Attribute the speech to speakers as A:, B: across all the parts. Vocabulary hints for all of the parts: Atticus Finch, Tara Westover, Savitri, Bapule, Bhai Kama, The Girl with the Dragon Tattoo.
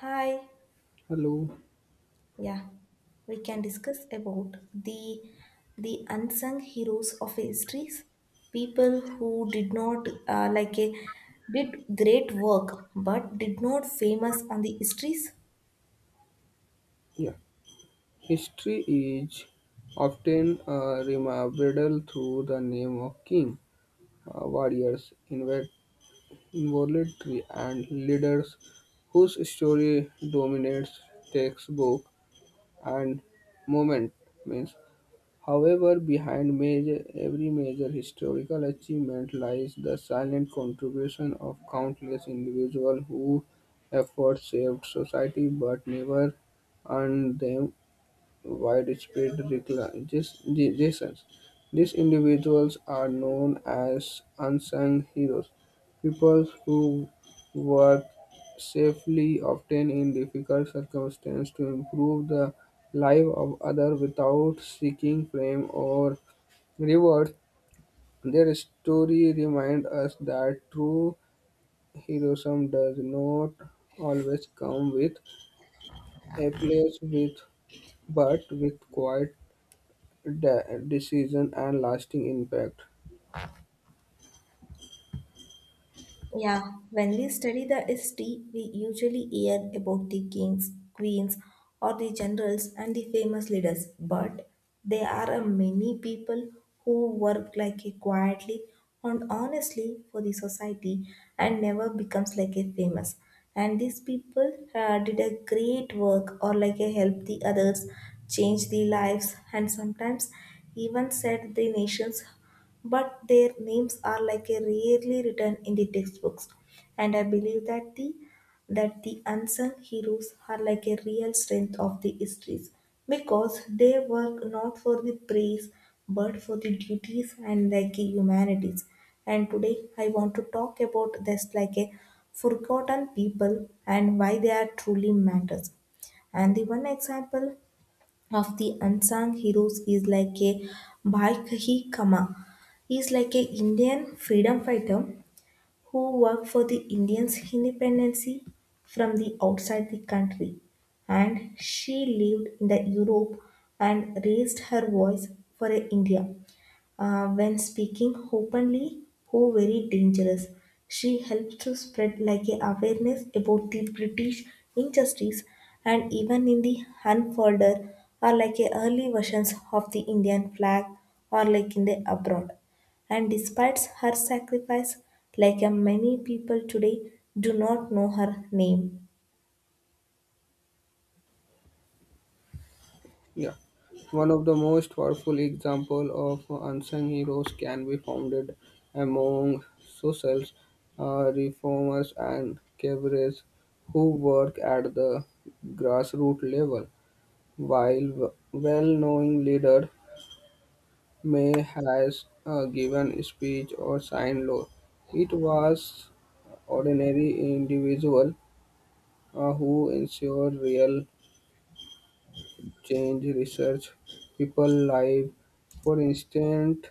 A: Hi.
B: Hello.
A: Yeah, we can discuss about the unsung heroes of histories, people who did not like a did great work but did not famous on the histories.
B: Yeah. History is often remembered through the name of king, warriors, involuntary, and leaders whose story dominates textbook and moment means. However, behind major, every major historical achievement lies the silent contribution of countless individuals who efforts saved society but never earned them widespread regulations. These individuals are known as unsung heroes, people who work safely, often in difficult circumstances, to improve the life of others without seeking fame or reward. Their story reminds us that true heroism does not always come with applause, with, but with quiet decision and lasting impact.
A: Yeah, when we study the history, we usually hear about the kings, queens, or the generals and the famous leaders, but there are a many people who work like a quietly and honestly for the society and never becomes like a famous. And these people did a great work or like a help the others, change the lives, and sometimes even set the nations, but their names are like a rarely written in the textbooks, and I believe that the unsung heroes are like a real strength of the histories because they work not for the praise but for the duties and like the humanities. And today I want to talk about this like a forgotten people and why they are truly matters. And the one example of the unsung heroes is like a Bhai Kama. He is like a Indian freedom fighter who worked for the Indians' independence from the outside the country. And she lived in the Europe and raised her voice for a India when speaking openly who very dangerous. She helps to spread like a awareness about the British injustice and even in the unfolder or like a early versions of the Indian flag or like in the abroad. And despite her sacrifice, like a many people today do not know her name.
B: Yeah. One of the most powerful example of unsung heroes can be founded among socials, reformers, and cadres who work at the grassroots level. While well-known leader may has given speech or signed law, it was ordinary individual who ensured real change research people live for instant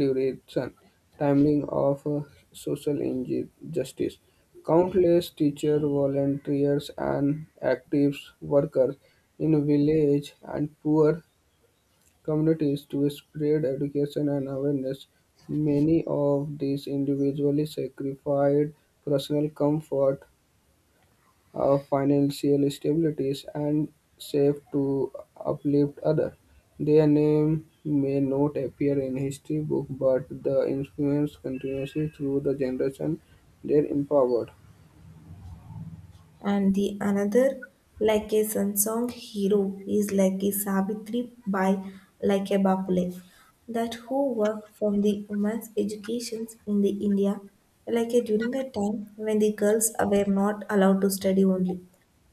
B: duration timing of social injustice countless teacher volunteers and active workers in village and poor communities to spread education and awareness many of these individually sacrificed personal comfort financial stabilities and safe to uplift others. Their name may not appear in history book, but the influence continues through the generation they empowered.
A: And the another like a song hero is like a Savitri by like a Bapule, that who work from the women's educations in the India, like a during a time when the girls were not allowed to study only.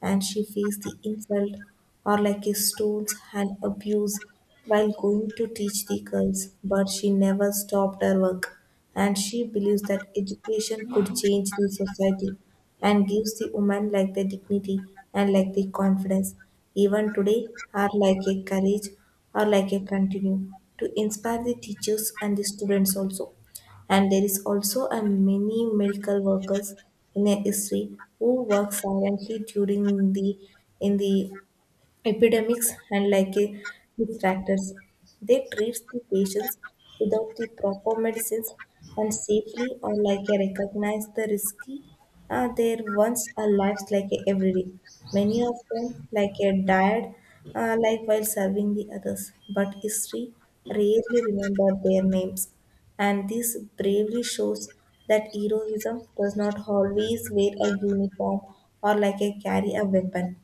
A: And she faced the insult or like his stones and abuse while going to teach the girls, but she never stopped her work. And she believes that education could change the society and gives the woman like the dignity and like the confidence. Even today are like a courage or like a continue to inspire the teachers and the students also. And there is also a many medical workers in a history who work silently during the epidemics and distractors. They treat the patients without the proper medicines and safely or recognize the risky their once a lives every day. Many of them died while serving the others, but history rarely remember their names. And this bravely shows that heroism does not always wear a uniform or like a carry a weapon.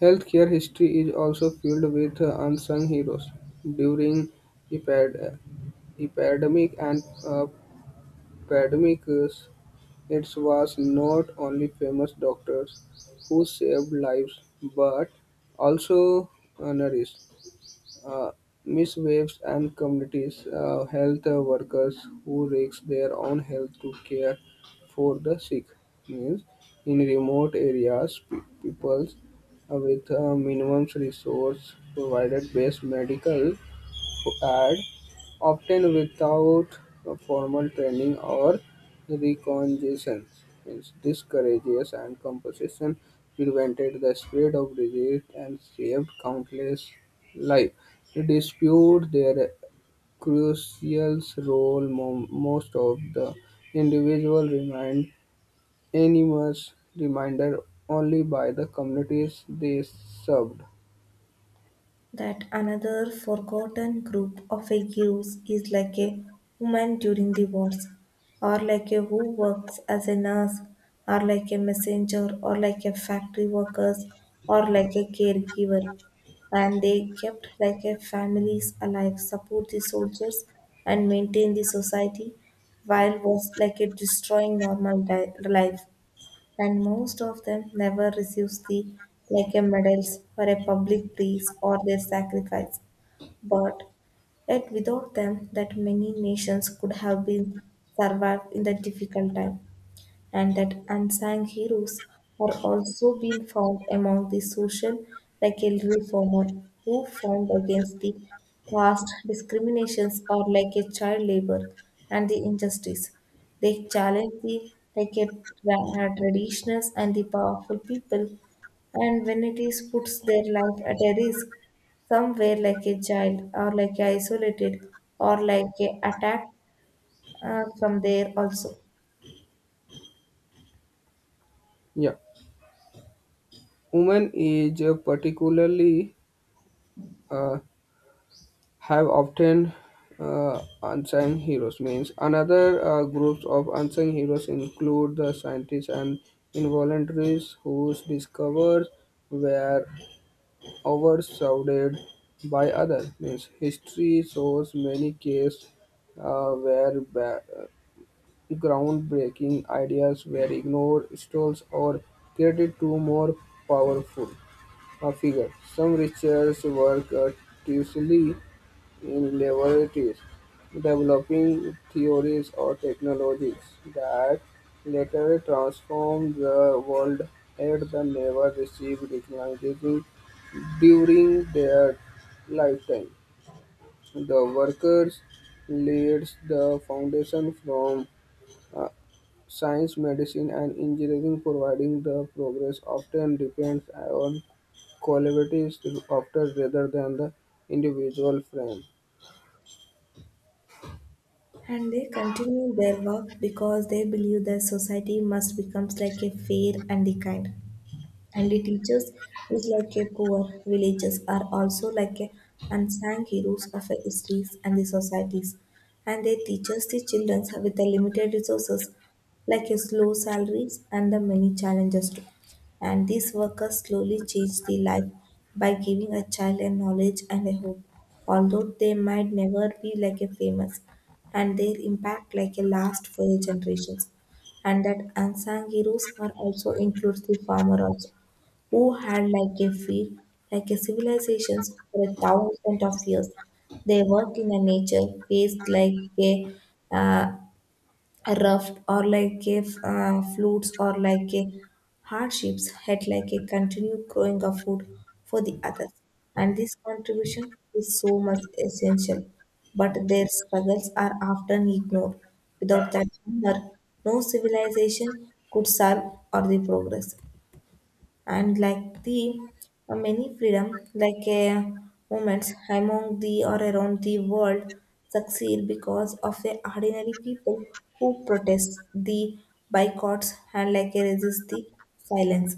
B: Healthcare history is also filled with unsung heroes. During epid- epidemic and pandemics, it was not only famous doctors who saved lives, but also nurses. uh, Miswaves and communities health workers who risk their own health to care for the sick means in remote areas peoples with minimum resource provided best medical ad, often without a formal training or recognition. Means this courageous and composition prevented the spread of disease and saved countless lives. To dispute their crucial role, most of the individual remained anonymous, reminded only by the communities they served.
A: That another forgotten group of a heroes is like a woman during the wars, or like a who works as a nurse, or like a messenger, or like a factory workers, or like a caregiver. And they kept like a families alive, support the soldiers and maintain the society while was like a destroying life. And most of them never receives the like a medals or a public praise or their sacrifice. But yet without them, that many nations could have been survived in the difficult time. And that unsung heroes are also being found among the social like a reformer who fought against the past discriminations or like a child labor and the injustice. They challenge the traditionals and the powerful people, and when it is puts their life at a risk somewhere like a child or like a isolated or like a attack from there also.
B: Yeah, women is particularly uh, have often unsung heroes means another groups of unsung heroes include the scientists and involuntaries whose discoveries were overshadowed by others means history shows many cases where groundbreaking ideas were ignored stolen or credited to more powerful figures some research work tirelessly in laboratories, developing theories or technologies that later transformed the world had they never received recognition during their lifetime. The workers laid the foundation from uh, science, medicine, and engineering, providing the progress often depends on collaborative after rather than the individual frame.
A: And they continue their work because they believe that society must become like a fair and the kind. And the teachers is like a poor villagers are also like a unsung heroes of a histories and the societies. And they teaches the children with the limited resources, like a slow salaries and the many challenges too. And these workers slowly change the life by giving a child a knowledge and a hope. Although they might never be like a famous, and their impact like a last for the generations. And that unsung heroes are also includes the farmer also who had like a feel like a civilizations for a thousand of years. They work in a nature faced uh, a raft or like a flutes or like a hardships had like a continued growing of food for the others. And this contribution is so much essential, but their struggles are often ignored. Without that hunger, no civilization could survive or the progress. And like the many freedom movements among the or around the world succeed because of the ordinary people who protest the boycotts and resist the silence.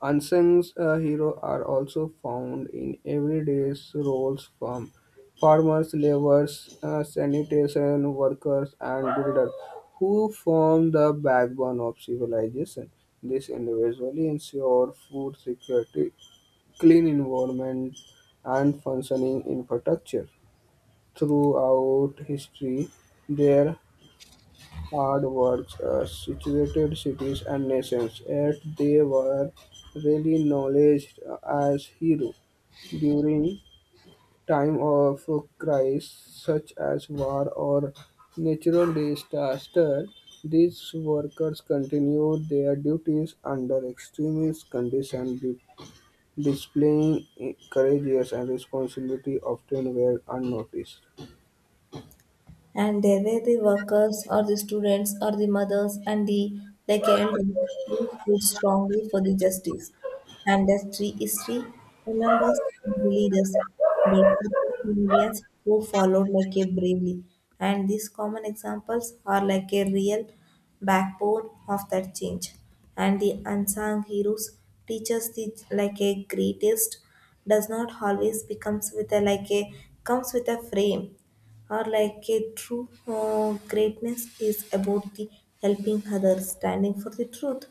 B: Unsung heroes are also found in everyday roles from farmers, laborers, sanitation workers, and builders who form the backbone of civilization. This individually ensure food security, clean environment, and functioning infrastructure. Throughout history, there hard works situated cities and nations, yet they were really acknowledged as heroes during time of crisis such as war or natural disaster. These workers continued their duties under extreme conditions, displaying courage and responsibility often were unnoticed.
A: And there were the workers or the students or the mothers and the like elders who stood strongly for the justice. And that tree history remembers the leaders, but people in millions who followed like a bravely. And these common examples are like a real backbone of that change. And the unsung heroes teach us the like a greatest does not always becomes with a like a comes with a frame, or like a true greatness is about the helping others, standing for the truth,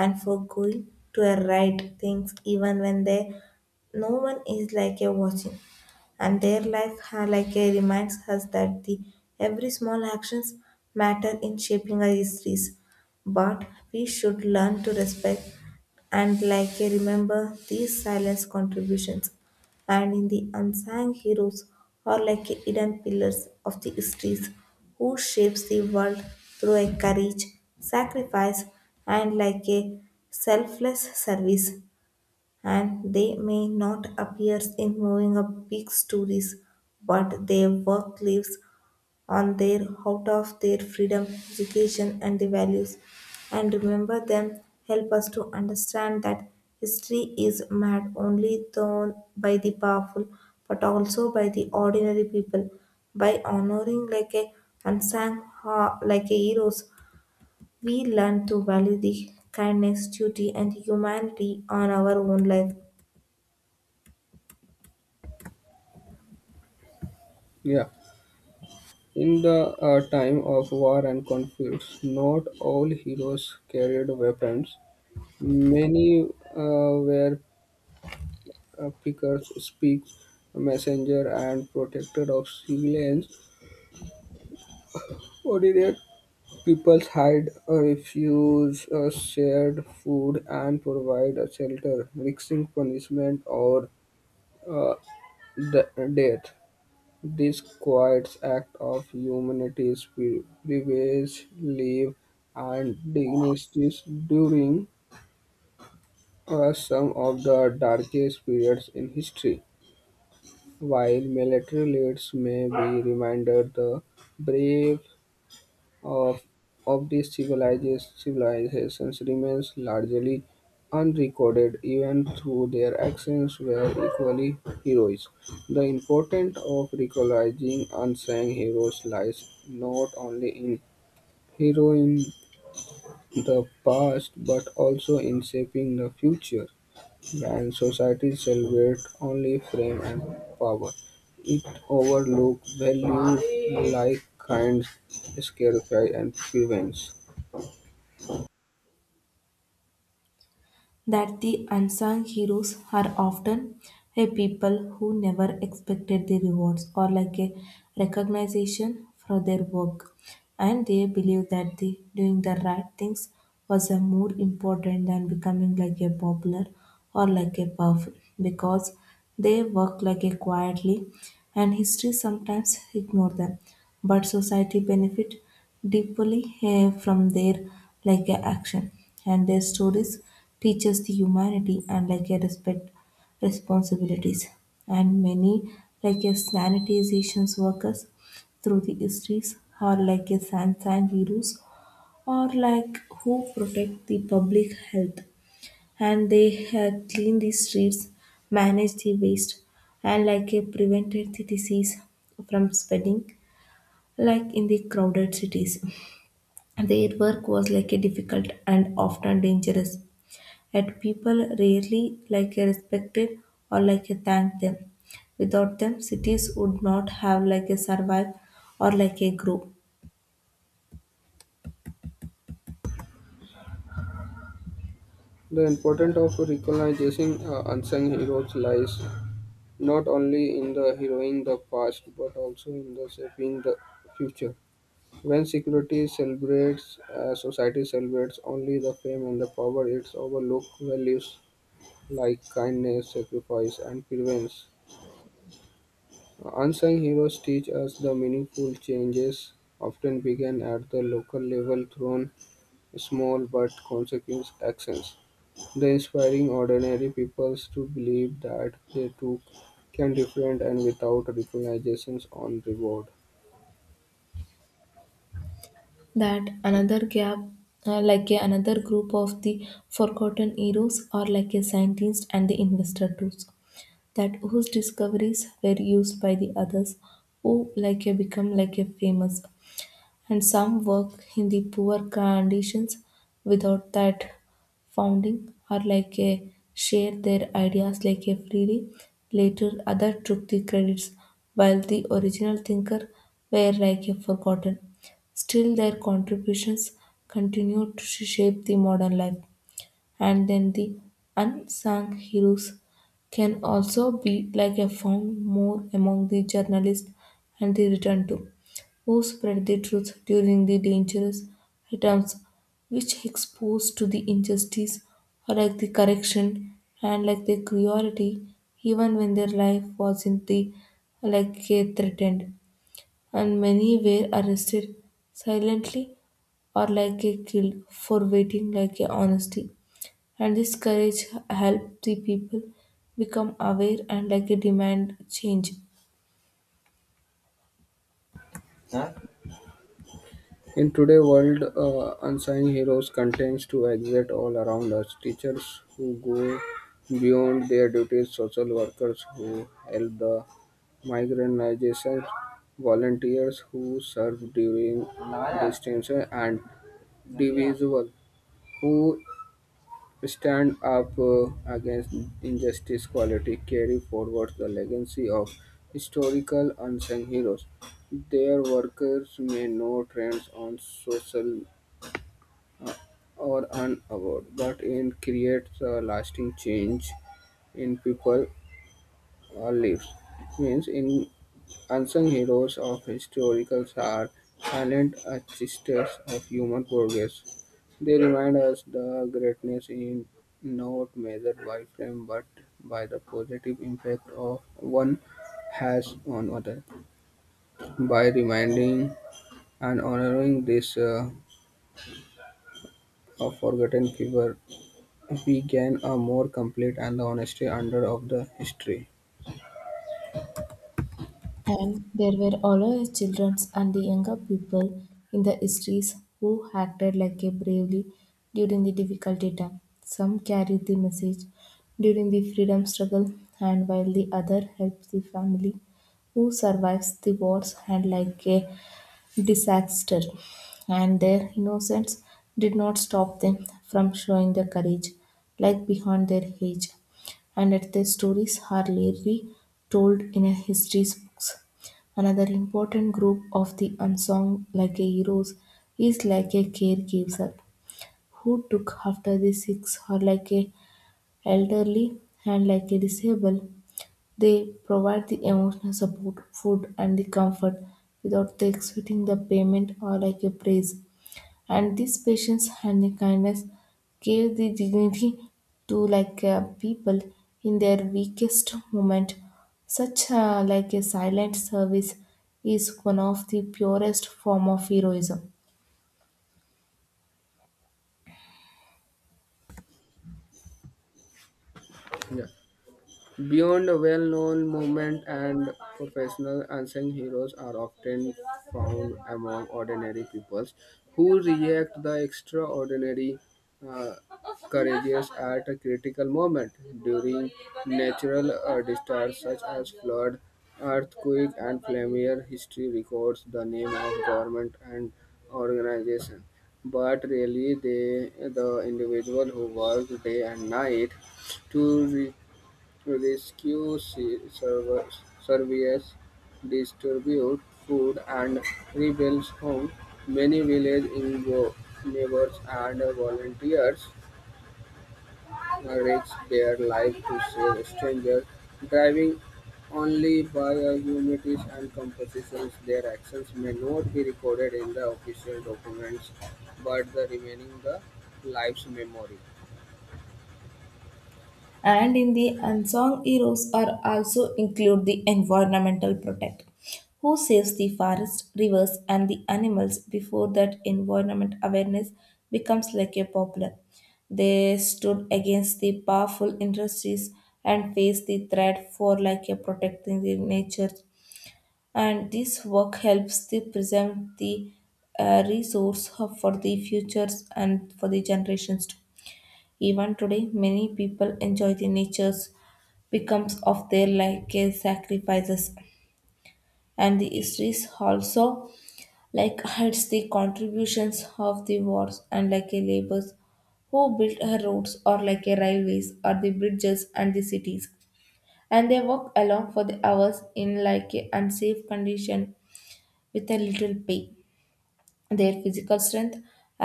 A: and for going to a right things even when there no one is like a watching. And their life like a reminds us that the every small actions matter in shaping our histories. But we should learn to respect and like a remember these silence contributions. And in the unsung heroes are like hidden pillars of the histories who shapes the world through a courage, sacrifice, and like a selfless service. And they may not appear in moving up big stories, but their work lives on their out of their freedom, education, and the values. And remember them help us to understand that history is made only done by the powerful, but also by the ordinary people. By honoring like a unsung ha- like a heroes, we learn to value the kindness, duty, and humanity on our own life.
B: Yeah. In the time of war and conflicts, not all heroes carried weapons. Many were pickers, speaks, messenger, and protector of civilians. Ordinary people had a refuge, shared food, and provide a shelter, risking punishment or uh, the death. This quiet act of humanity's privilege, leave, and dignities during some of the darkest periods in history. While military leaders may be reminded the brave of, of these civilizations remains largely unrecorded even though their actions were equally heroic. The importance of recognizing unsung heroes lies not only in heroing the past but also in shaping the future. When societies celebrate only fame and power, it overlooks values like kind, sacrifice, and prevents.
A: That the unsung heroes are often a people who never expected the rewards or like a recognition for their work, and they believe that the doing the right things was a more important than becoming like a popular or like a powerful. Because they work like a quietly, and history sometimes ignore them, but society benefit deeply from their like a action. And their stories teaches the humanity and like a respect responsibilities. And many like a sanitizations workers through the histories are like a sunshine heroes or like who protect the public health. And they clean the streets, manage the waste, and prevented the disease from spreading like in the crowded cities. Their work was like a difficult and often dangerous, yet people rarely like a respected or like a thanked them. Without them, cities would not have like a survive or like a grow.
B: The importance of recognizing unsung heroes lies not only in the heroing the past but also in the shaping the future. When security celebrates, society celebrates only the fame and the power. It's overlook values like kindness, sacrifice, and prevents. Unsung heroes teach us the meaningful changes often begin at the local level through small but consequent actions. The inspiring ordinary peoples to believe that they too can different and without recognitions on reward.
A: That another gap another group of the forgotten heroes are like a scientist and the investor tools, that whose discoveries were used by the others who like a become like a famous. And some work in the poor conditions without that founding or like a share their ideas like a freely. Later other took the credits while the original thinker were like a forgotten. Still their contributions continued to shape the modern life. And then the unsung heroes can also be like a found more among the journalists and the return to who spread the truth during the dangerous items, which exposed to the injustice or like the correction and like the cruelty even when their life wasn't the like a threatened. And many were arrested silently or like a killed for waiting like a honesty. And this courage helped the people become aware and like a demand change.
B: In today's world, unsung heroes continues to exist all around us. Teachers who go beyond their duties, social workers who help the migrant organizations, volunteers who serve during distance, and individuals who stand up against injustice quality carry forward the legacy of historical unsung heroes. Their workers may know trends on social uh, or an award, but it creates a lasting change in people or lives. Means in unsung heroes of historicals are silent achievers of human progress. They remind us the greatness is not measured by fame but by the positive impact of one has on others. By reminding and honoring this forgotten figure, we gain a more complete and honest under of the history.
A: And there were always children and the younger people in the histories who acted like a bravely during the difficulty time. Some carried the message during the freedom struggle, and while the other helped the family who survives the wars and like a disaster. And their innocence did not stop them from showing their courage, like beyond their age. And that their stories are rarely told in a history's books. Another important group of the unsung like a heroes is like a caregiver who took after the sick or like a elderly and like a disabled. They provide the emotional support, food, and the comfort without expecting the payment or like a praise. And this patience and the kindness gave the dignity to people in their weakest moment. Such like a silent service is one of the purest form of heroism.
B: Yeah. Beyond a well-known movement and professional unsung heroes are often found among ordinary peoples who react the extraordinary uh, courageous at a critical moment during natural disasters such as flood, earthquake, and flammare. History records the name of government and organization, but really they the individual who worked day and night to rescue services distribute food and rebuild homes. Many village neighbors and volunteers risk their lives to save strangers, driving only by a humanities and compositions. Their actions may not be recorded in the official documents, but the remaining the life's memory.
A: And in the unsung heroes are also include the environmental protect who saves the forest rivers and the animals before that environment awareness becomes like a popular, they stood against the powerful industries and faced the threat for like a protecting the nature, and this work helps to preserve the resource for the futures and for the generations to. Even today, many people enjoy the nature's becomes of their like care sacrifices, and the histories also like hides the contributions of the wars and like a labors who built her roads or like a railways or the bridges and the cities, and they walk along for the hours in like a unsafe condition with a little pay. Their physical strength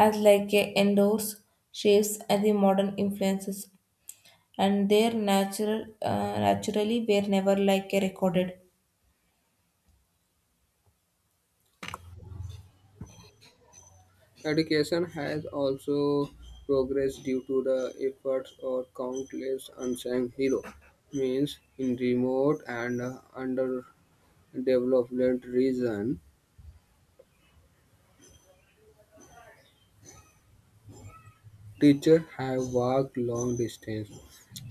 A: as like a endorse shapes and the modern influences, and their natural naturally were never like recorded.
B: Education has also progressed due to the efforts of countless unsung heroes, means in remote and underdeveloped regions, teachers have walked long distance,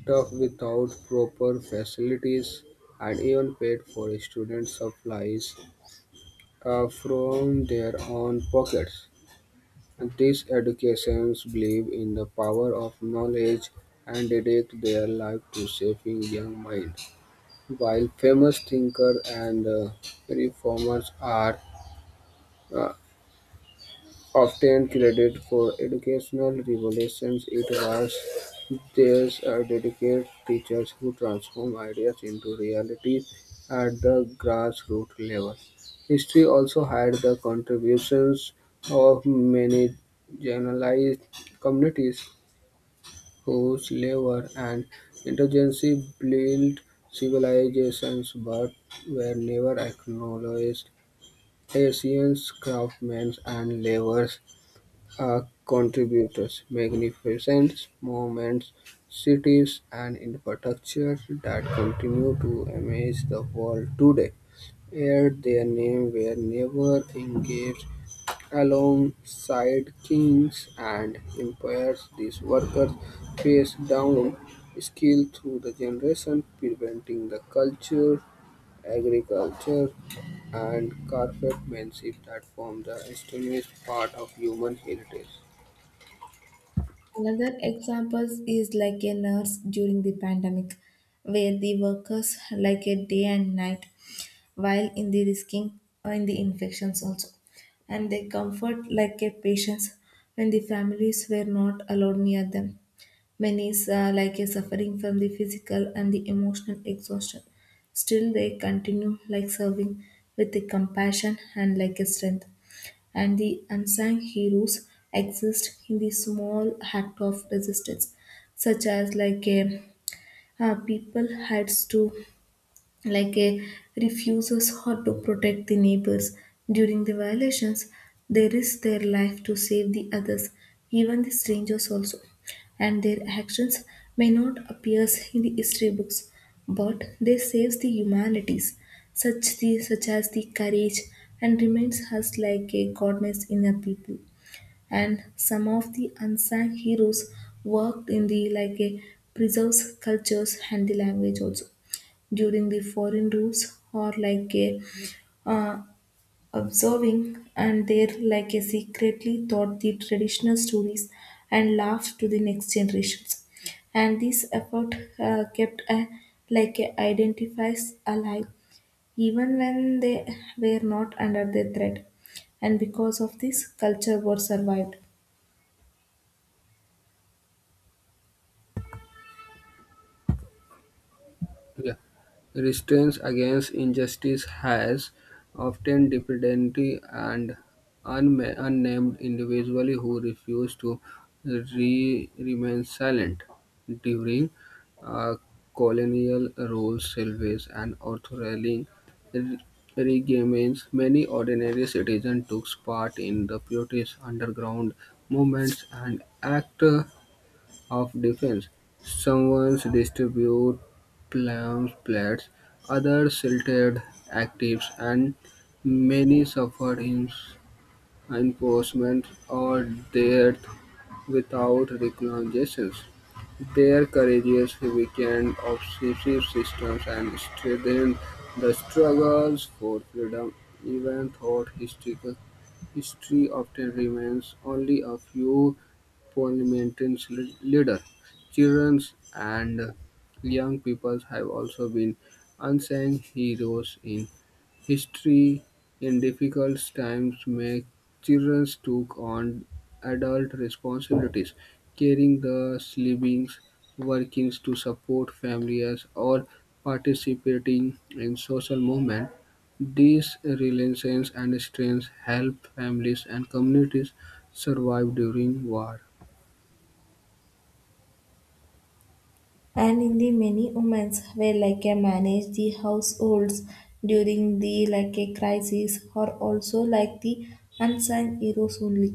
B: tough without proper facilities, and even paid for student supplies from their own pockets. These educations believe in the power of knowledge and dedicate their life to shaping young minds. While famous thinkers and reformers are uh, often credited for educational revolutions, it was their dedicated teachers who transformed ideas into reality at the grassroots level. History also had the contributions of many marginalized communities whose labor and intelligence built civilizations but were never acknowledged. Asians, craftsmen, and laborers are contributors, magnificent monuments, cities, and infrastructure that continue to amaze the world today. Yet their names were never engraved alongside kings and empires, these workers passed down skill through the generations, preventing the culture, agriculture, and craftsmanship that form the established part of human heritage.
A: Another example is like a nurse during the pandemic, where the workers like a day and night while in the risking or in the infections also. And they comfort like a patients when the families were not allowed near them. Many is like a suffering from the physical and the emotional exhaustion. Still they continue like serving with the compassion and like a strength. And the unsung heroes exist in the small act of resistance, such as like a, people heads to like a refuses how to protect the neighbors during the violations. They risk their life to save the others, even the strangers also, and their actions may not appear in the history books, but they saves the humanities such the such as the courage and remains us like a goddess in a people. And some of the unsung heroes worked in the like a preserves cultures and the language also during the foreign rules or like a, uh, observing, and they're like a secretly taught the traditional stories and laughed to the next generations. And this effort kept a, like a identifies alive even when they were not under the threat, and because of this culture was survived.
B: Yeah. Resistance against injustice has often depended on unnamed individuals who refuse to remain silent during uh, colonial rule, service, and authoritarian re- regimes. Many ordinary citizens took part in the British underground movements and acted of defense. Some distribute palm plates, others silted actives, and many suffered in enforcement or death without recognitions. Their courageous weakened obsessive systems and strengthened the struggles for freedom, even though historical history often remains only a few parliament's leader. Children and young people have also been unsung heroes in history. In difficult times, many children took on adult responsibilities, carrying the sleepings, working to support families, or participating in social movement. These resilience and strength help families and communities survive during war.
A: And in the many women's were like a manage the households during the like a crisis, or also like the unsung heroes only.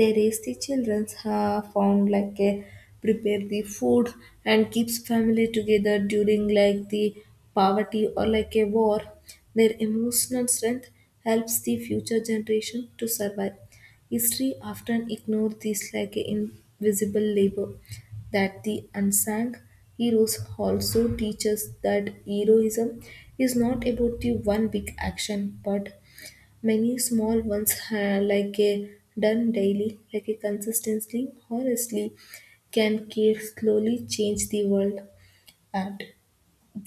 A: They raise the children, found like a prepare the food and keeps family together during like the poverty or like a war. Their emotional strength helps the future generation to survive. History often ignores this like a invisible labor. That the unsung heroes also teach us that heroism is not about the one big action but many small ones, like a done daily, like a consistently, honestly, can care slowly change the world. And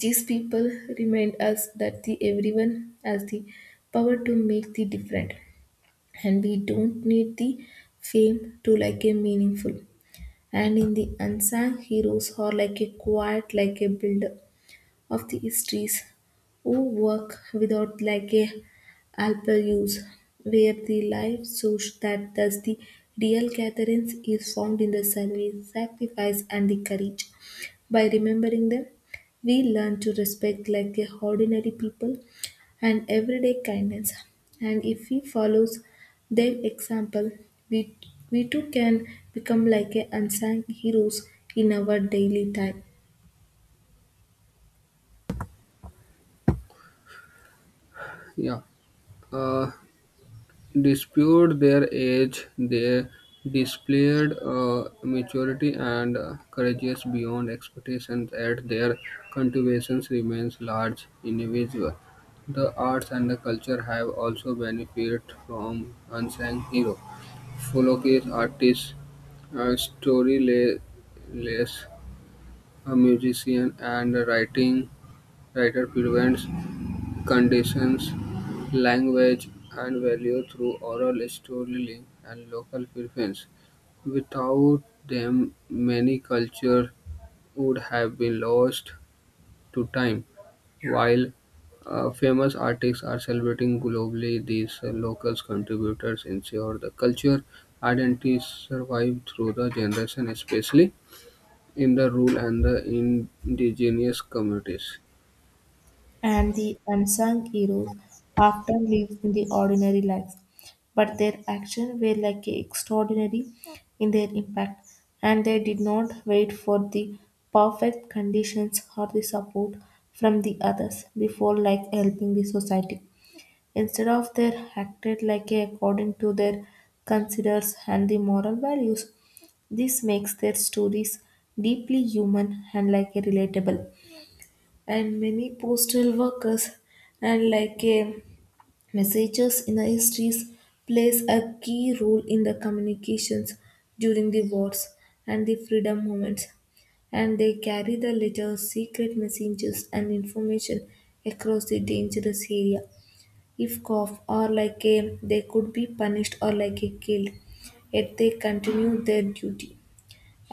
A: these people remind us that the everyone has the power to make the difference, and we don't need the fame to like a meaningful. And in the unsung heroes are like a quiet like a builder of the histories, who work without like a alpel use, where the life source that does the real gatherings is found in the service, sacrifice and the courage. By remembering them, we learn to respect like a ordinary people and everyday kindness. And if we follows their example, we we too can become like a unsung heroes in our daily time.
B: Yeah. Uh, Dispute their age, they displayed maturity and courageous beyond expectations at their contributions remains large individual. The arts and the culture have also benefited from unsung hero. Folklore artists, storyless a musician and a writing writer presents conditions, language, and value through oral storytelling and local preference. Without them, many cultures would have been lost to time. While famous artists are celebrating globally, these local contributors ensure the culture identity survive through the generation, especially in the rural and the indigenous communities.
A: And the unsung heroes often lived in the ordinary lives, but their actions were like extraordinary in their impact, and they did not wait for the perfect conditions or the support from the others before like helping the society. Instead of they acted like a, according to their considers and the moral values. This makes their stories deeply human and like a relatable. And many postal workers and like a messengers in the histories plays a key role in the communications during the wars and the freedom movements, and they carry the letters, secret messengers and information across the dangerous area. If caught or like a, they could be punished or like a killed, yet they continue their duty,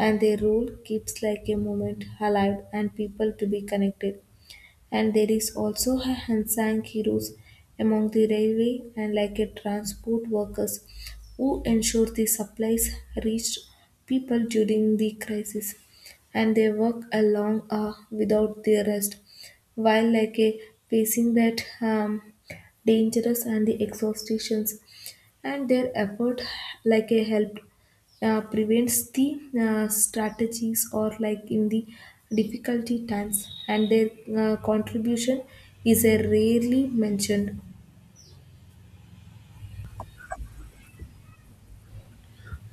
A: and their role keeps like a movement alive and people to be connected. And there is also a unsung heroes among the railway and like a transport workers who ensure the supplies reach people during the crisis. And they work along without their rest while like a facing that dangerous and the exhaustations, and their effort like a help prevents the strategies or like in the difficulty times, and their contribution is rarely mentioned.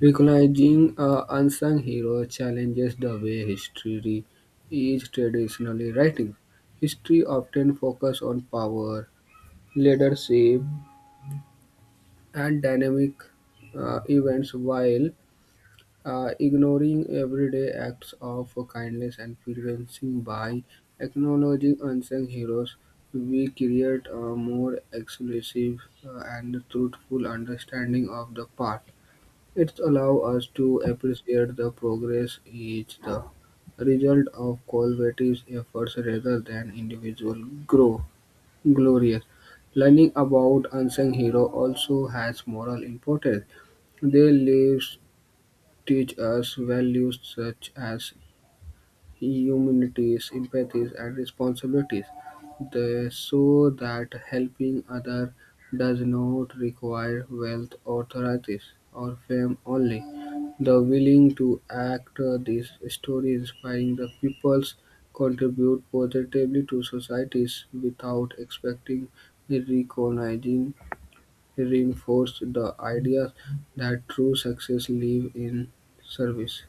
B: Recognizing unsung heroes challenges the way history is traditionally written. History often focuses on power, leadership, and dynamic events, while ignoring everyday acts of kindness and preventing by acknowledging unsung heroes, we create a more exclusive and truthful understanding of the past. It allows us to appreciate the progress is the result of collaborative efforts rather than individual grow glorious. Learning about unsung hero also has moral importance. Their lives teach us values such as humanity, empathy, and responsibilities. They show that helping others does not require wealth, authorities, or fame only. The willing to act this story inspiring the peoples contribute positively to societies without expecting recognizing reinforce the idea that true success live in service.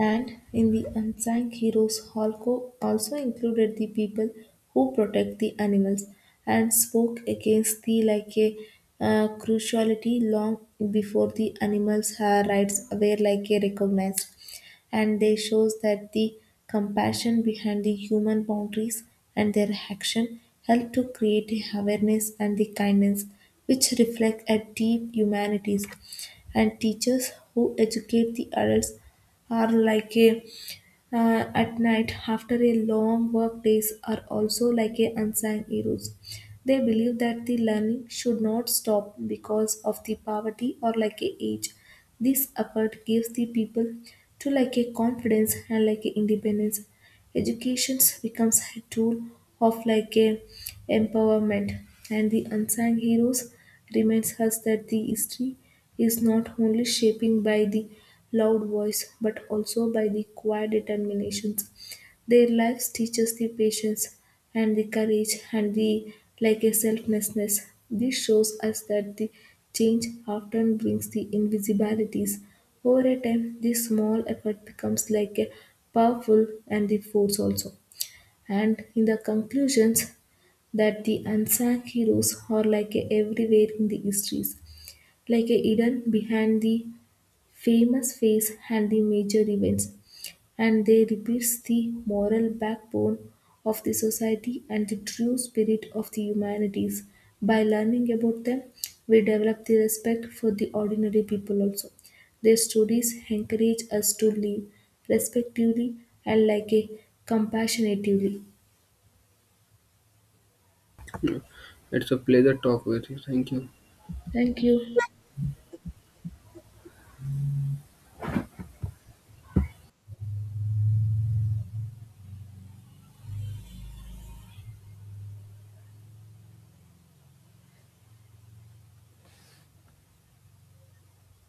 A: And in the unsung heroes, Holko also included the people who protect the animals and spoke against the like a, cruelty long before the animals' rights were like a recognized. And they shows that the compassion behind the human boundaries, and their action help to create the awareness and the kindness which reflect a deep humanities. And teachers who educate the adults or like a, at night after a long work days are also like a unsung heroes. They believe that the learning should not stop because of the poverty or like a age. This effort gives the people to like a confidence and like a independence. Education becomes a tool of like a empowerment, and the unsung heroes reminds us that the history is not only shaping by the loud voice but also by the quiet determinations. Their lives teach us the patience and the courage and the like a selflessness. This shows us that the change often brings the invisibilities. Over a time, this small effort becomes like a powerful and the force also. And in the conclusions that the unsung heroes are like a everywhere in the histories, like a hidden behind the famous face and the major events, and they represent the moral backbone of the society and the true spirit of the humanities. By learning about them, we develop the respect for the ordinary people also. Their stories encourage us to live respectively and like a compassionately.
B: It's a pleasure talk with you. Thank you.
A: Thank you.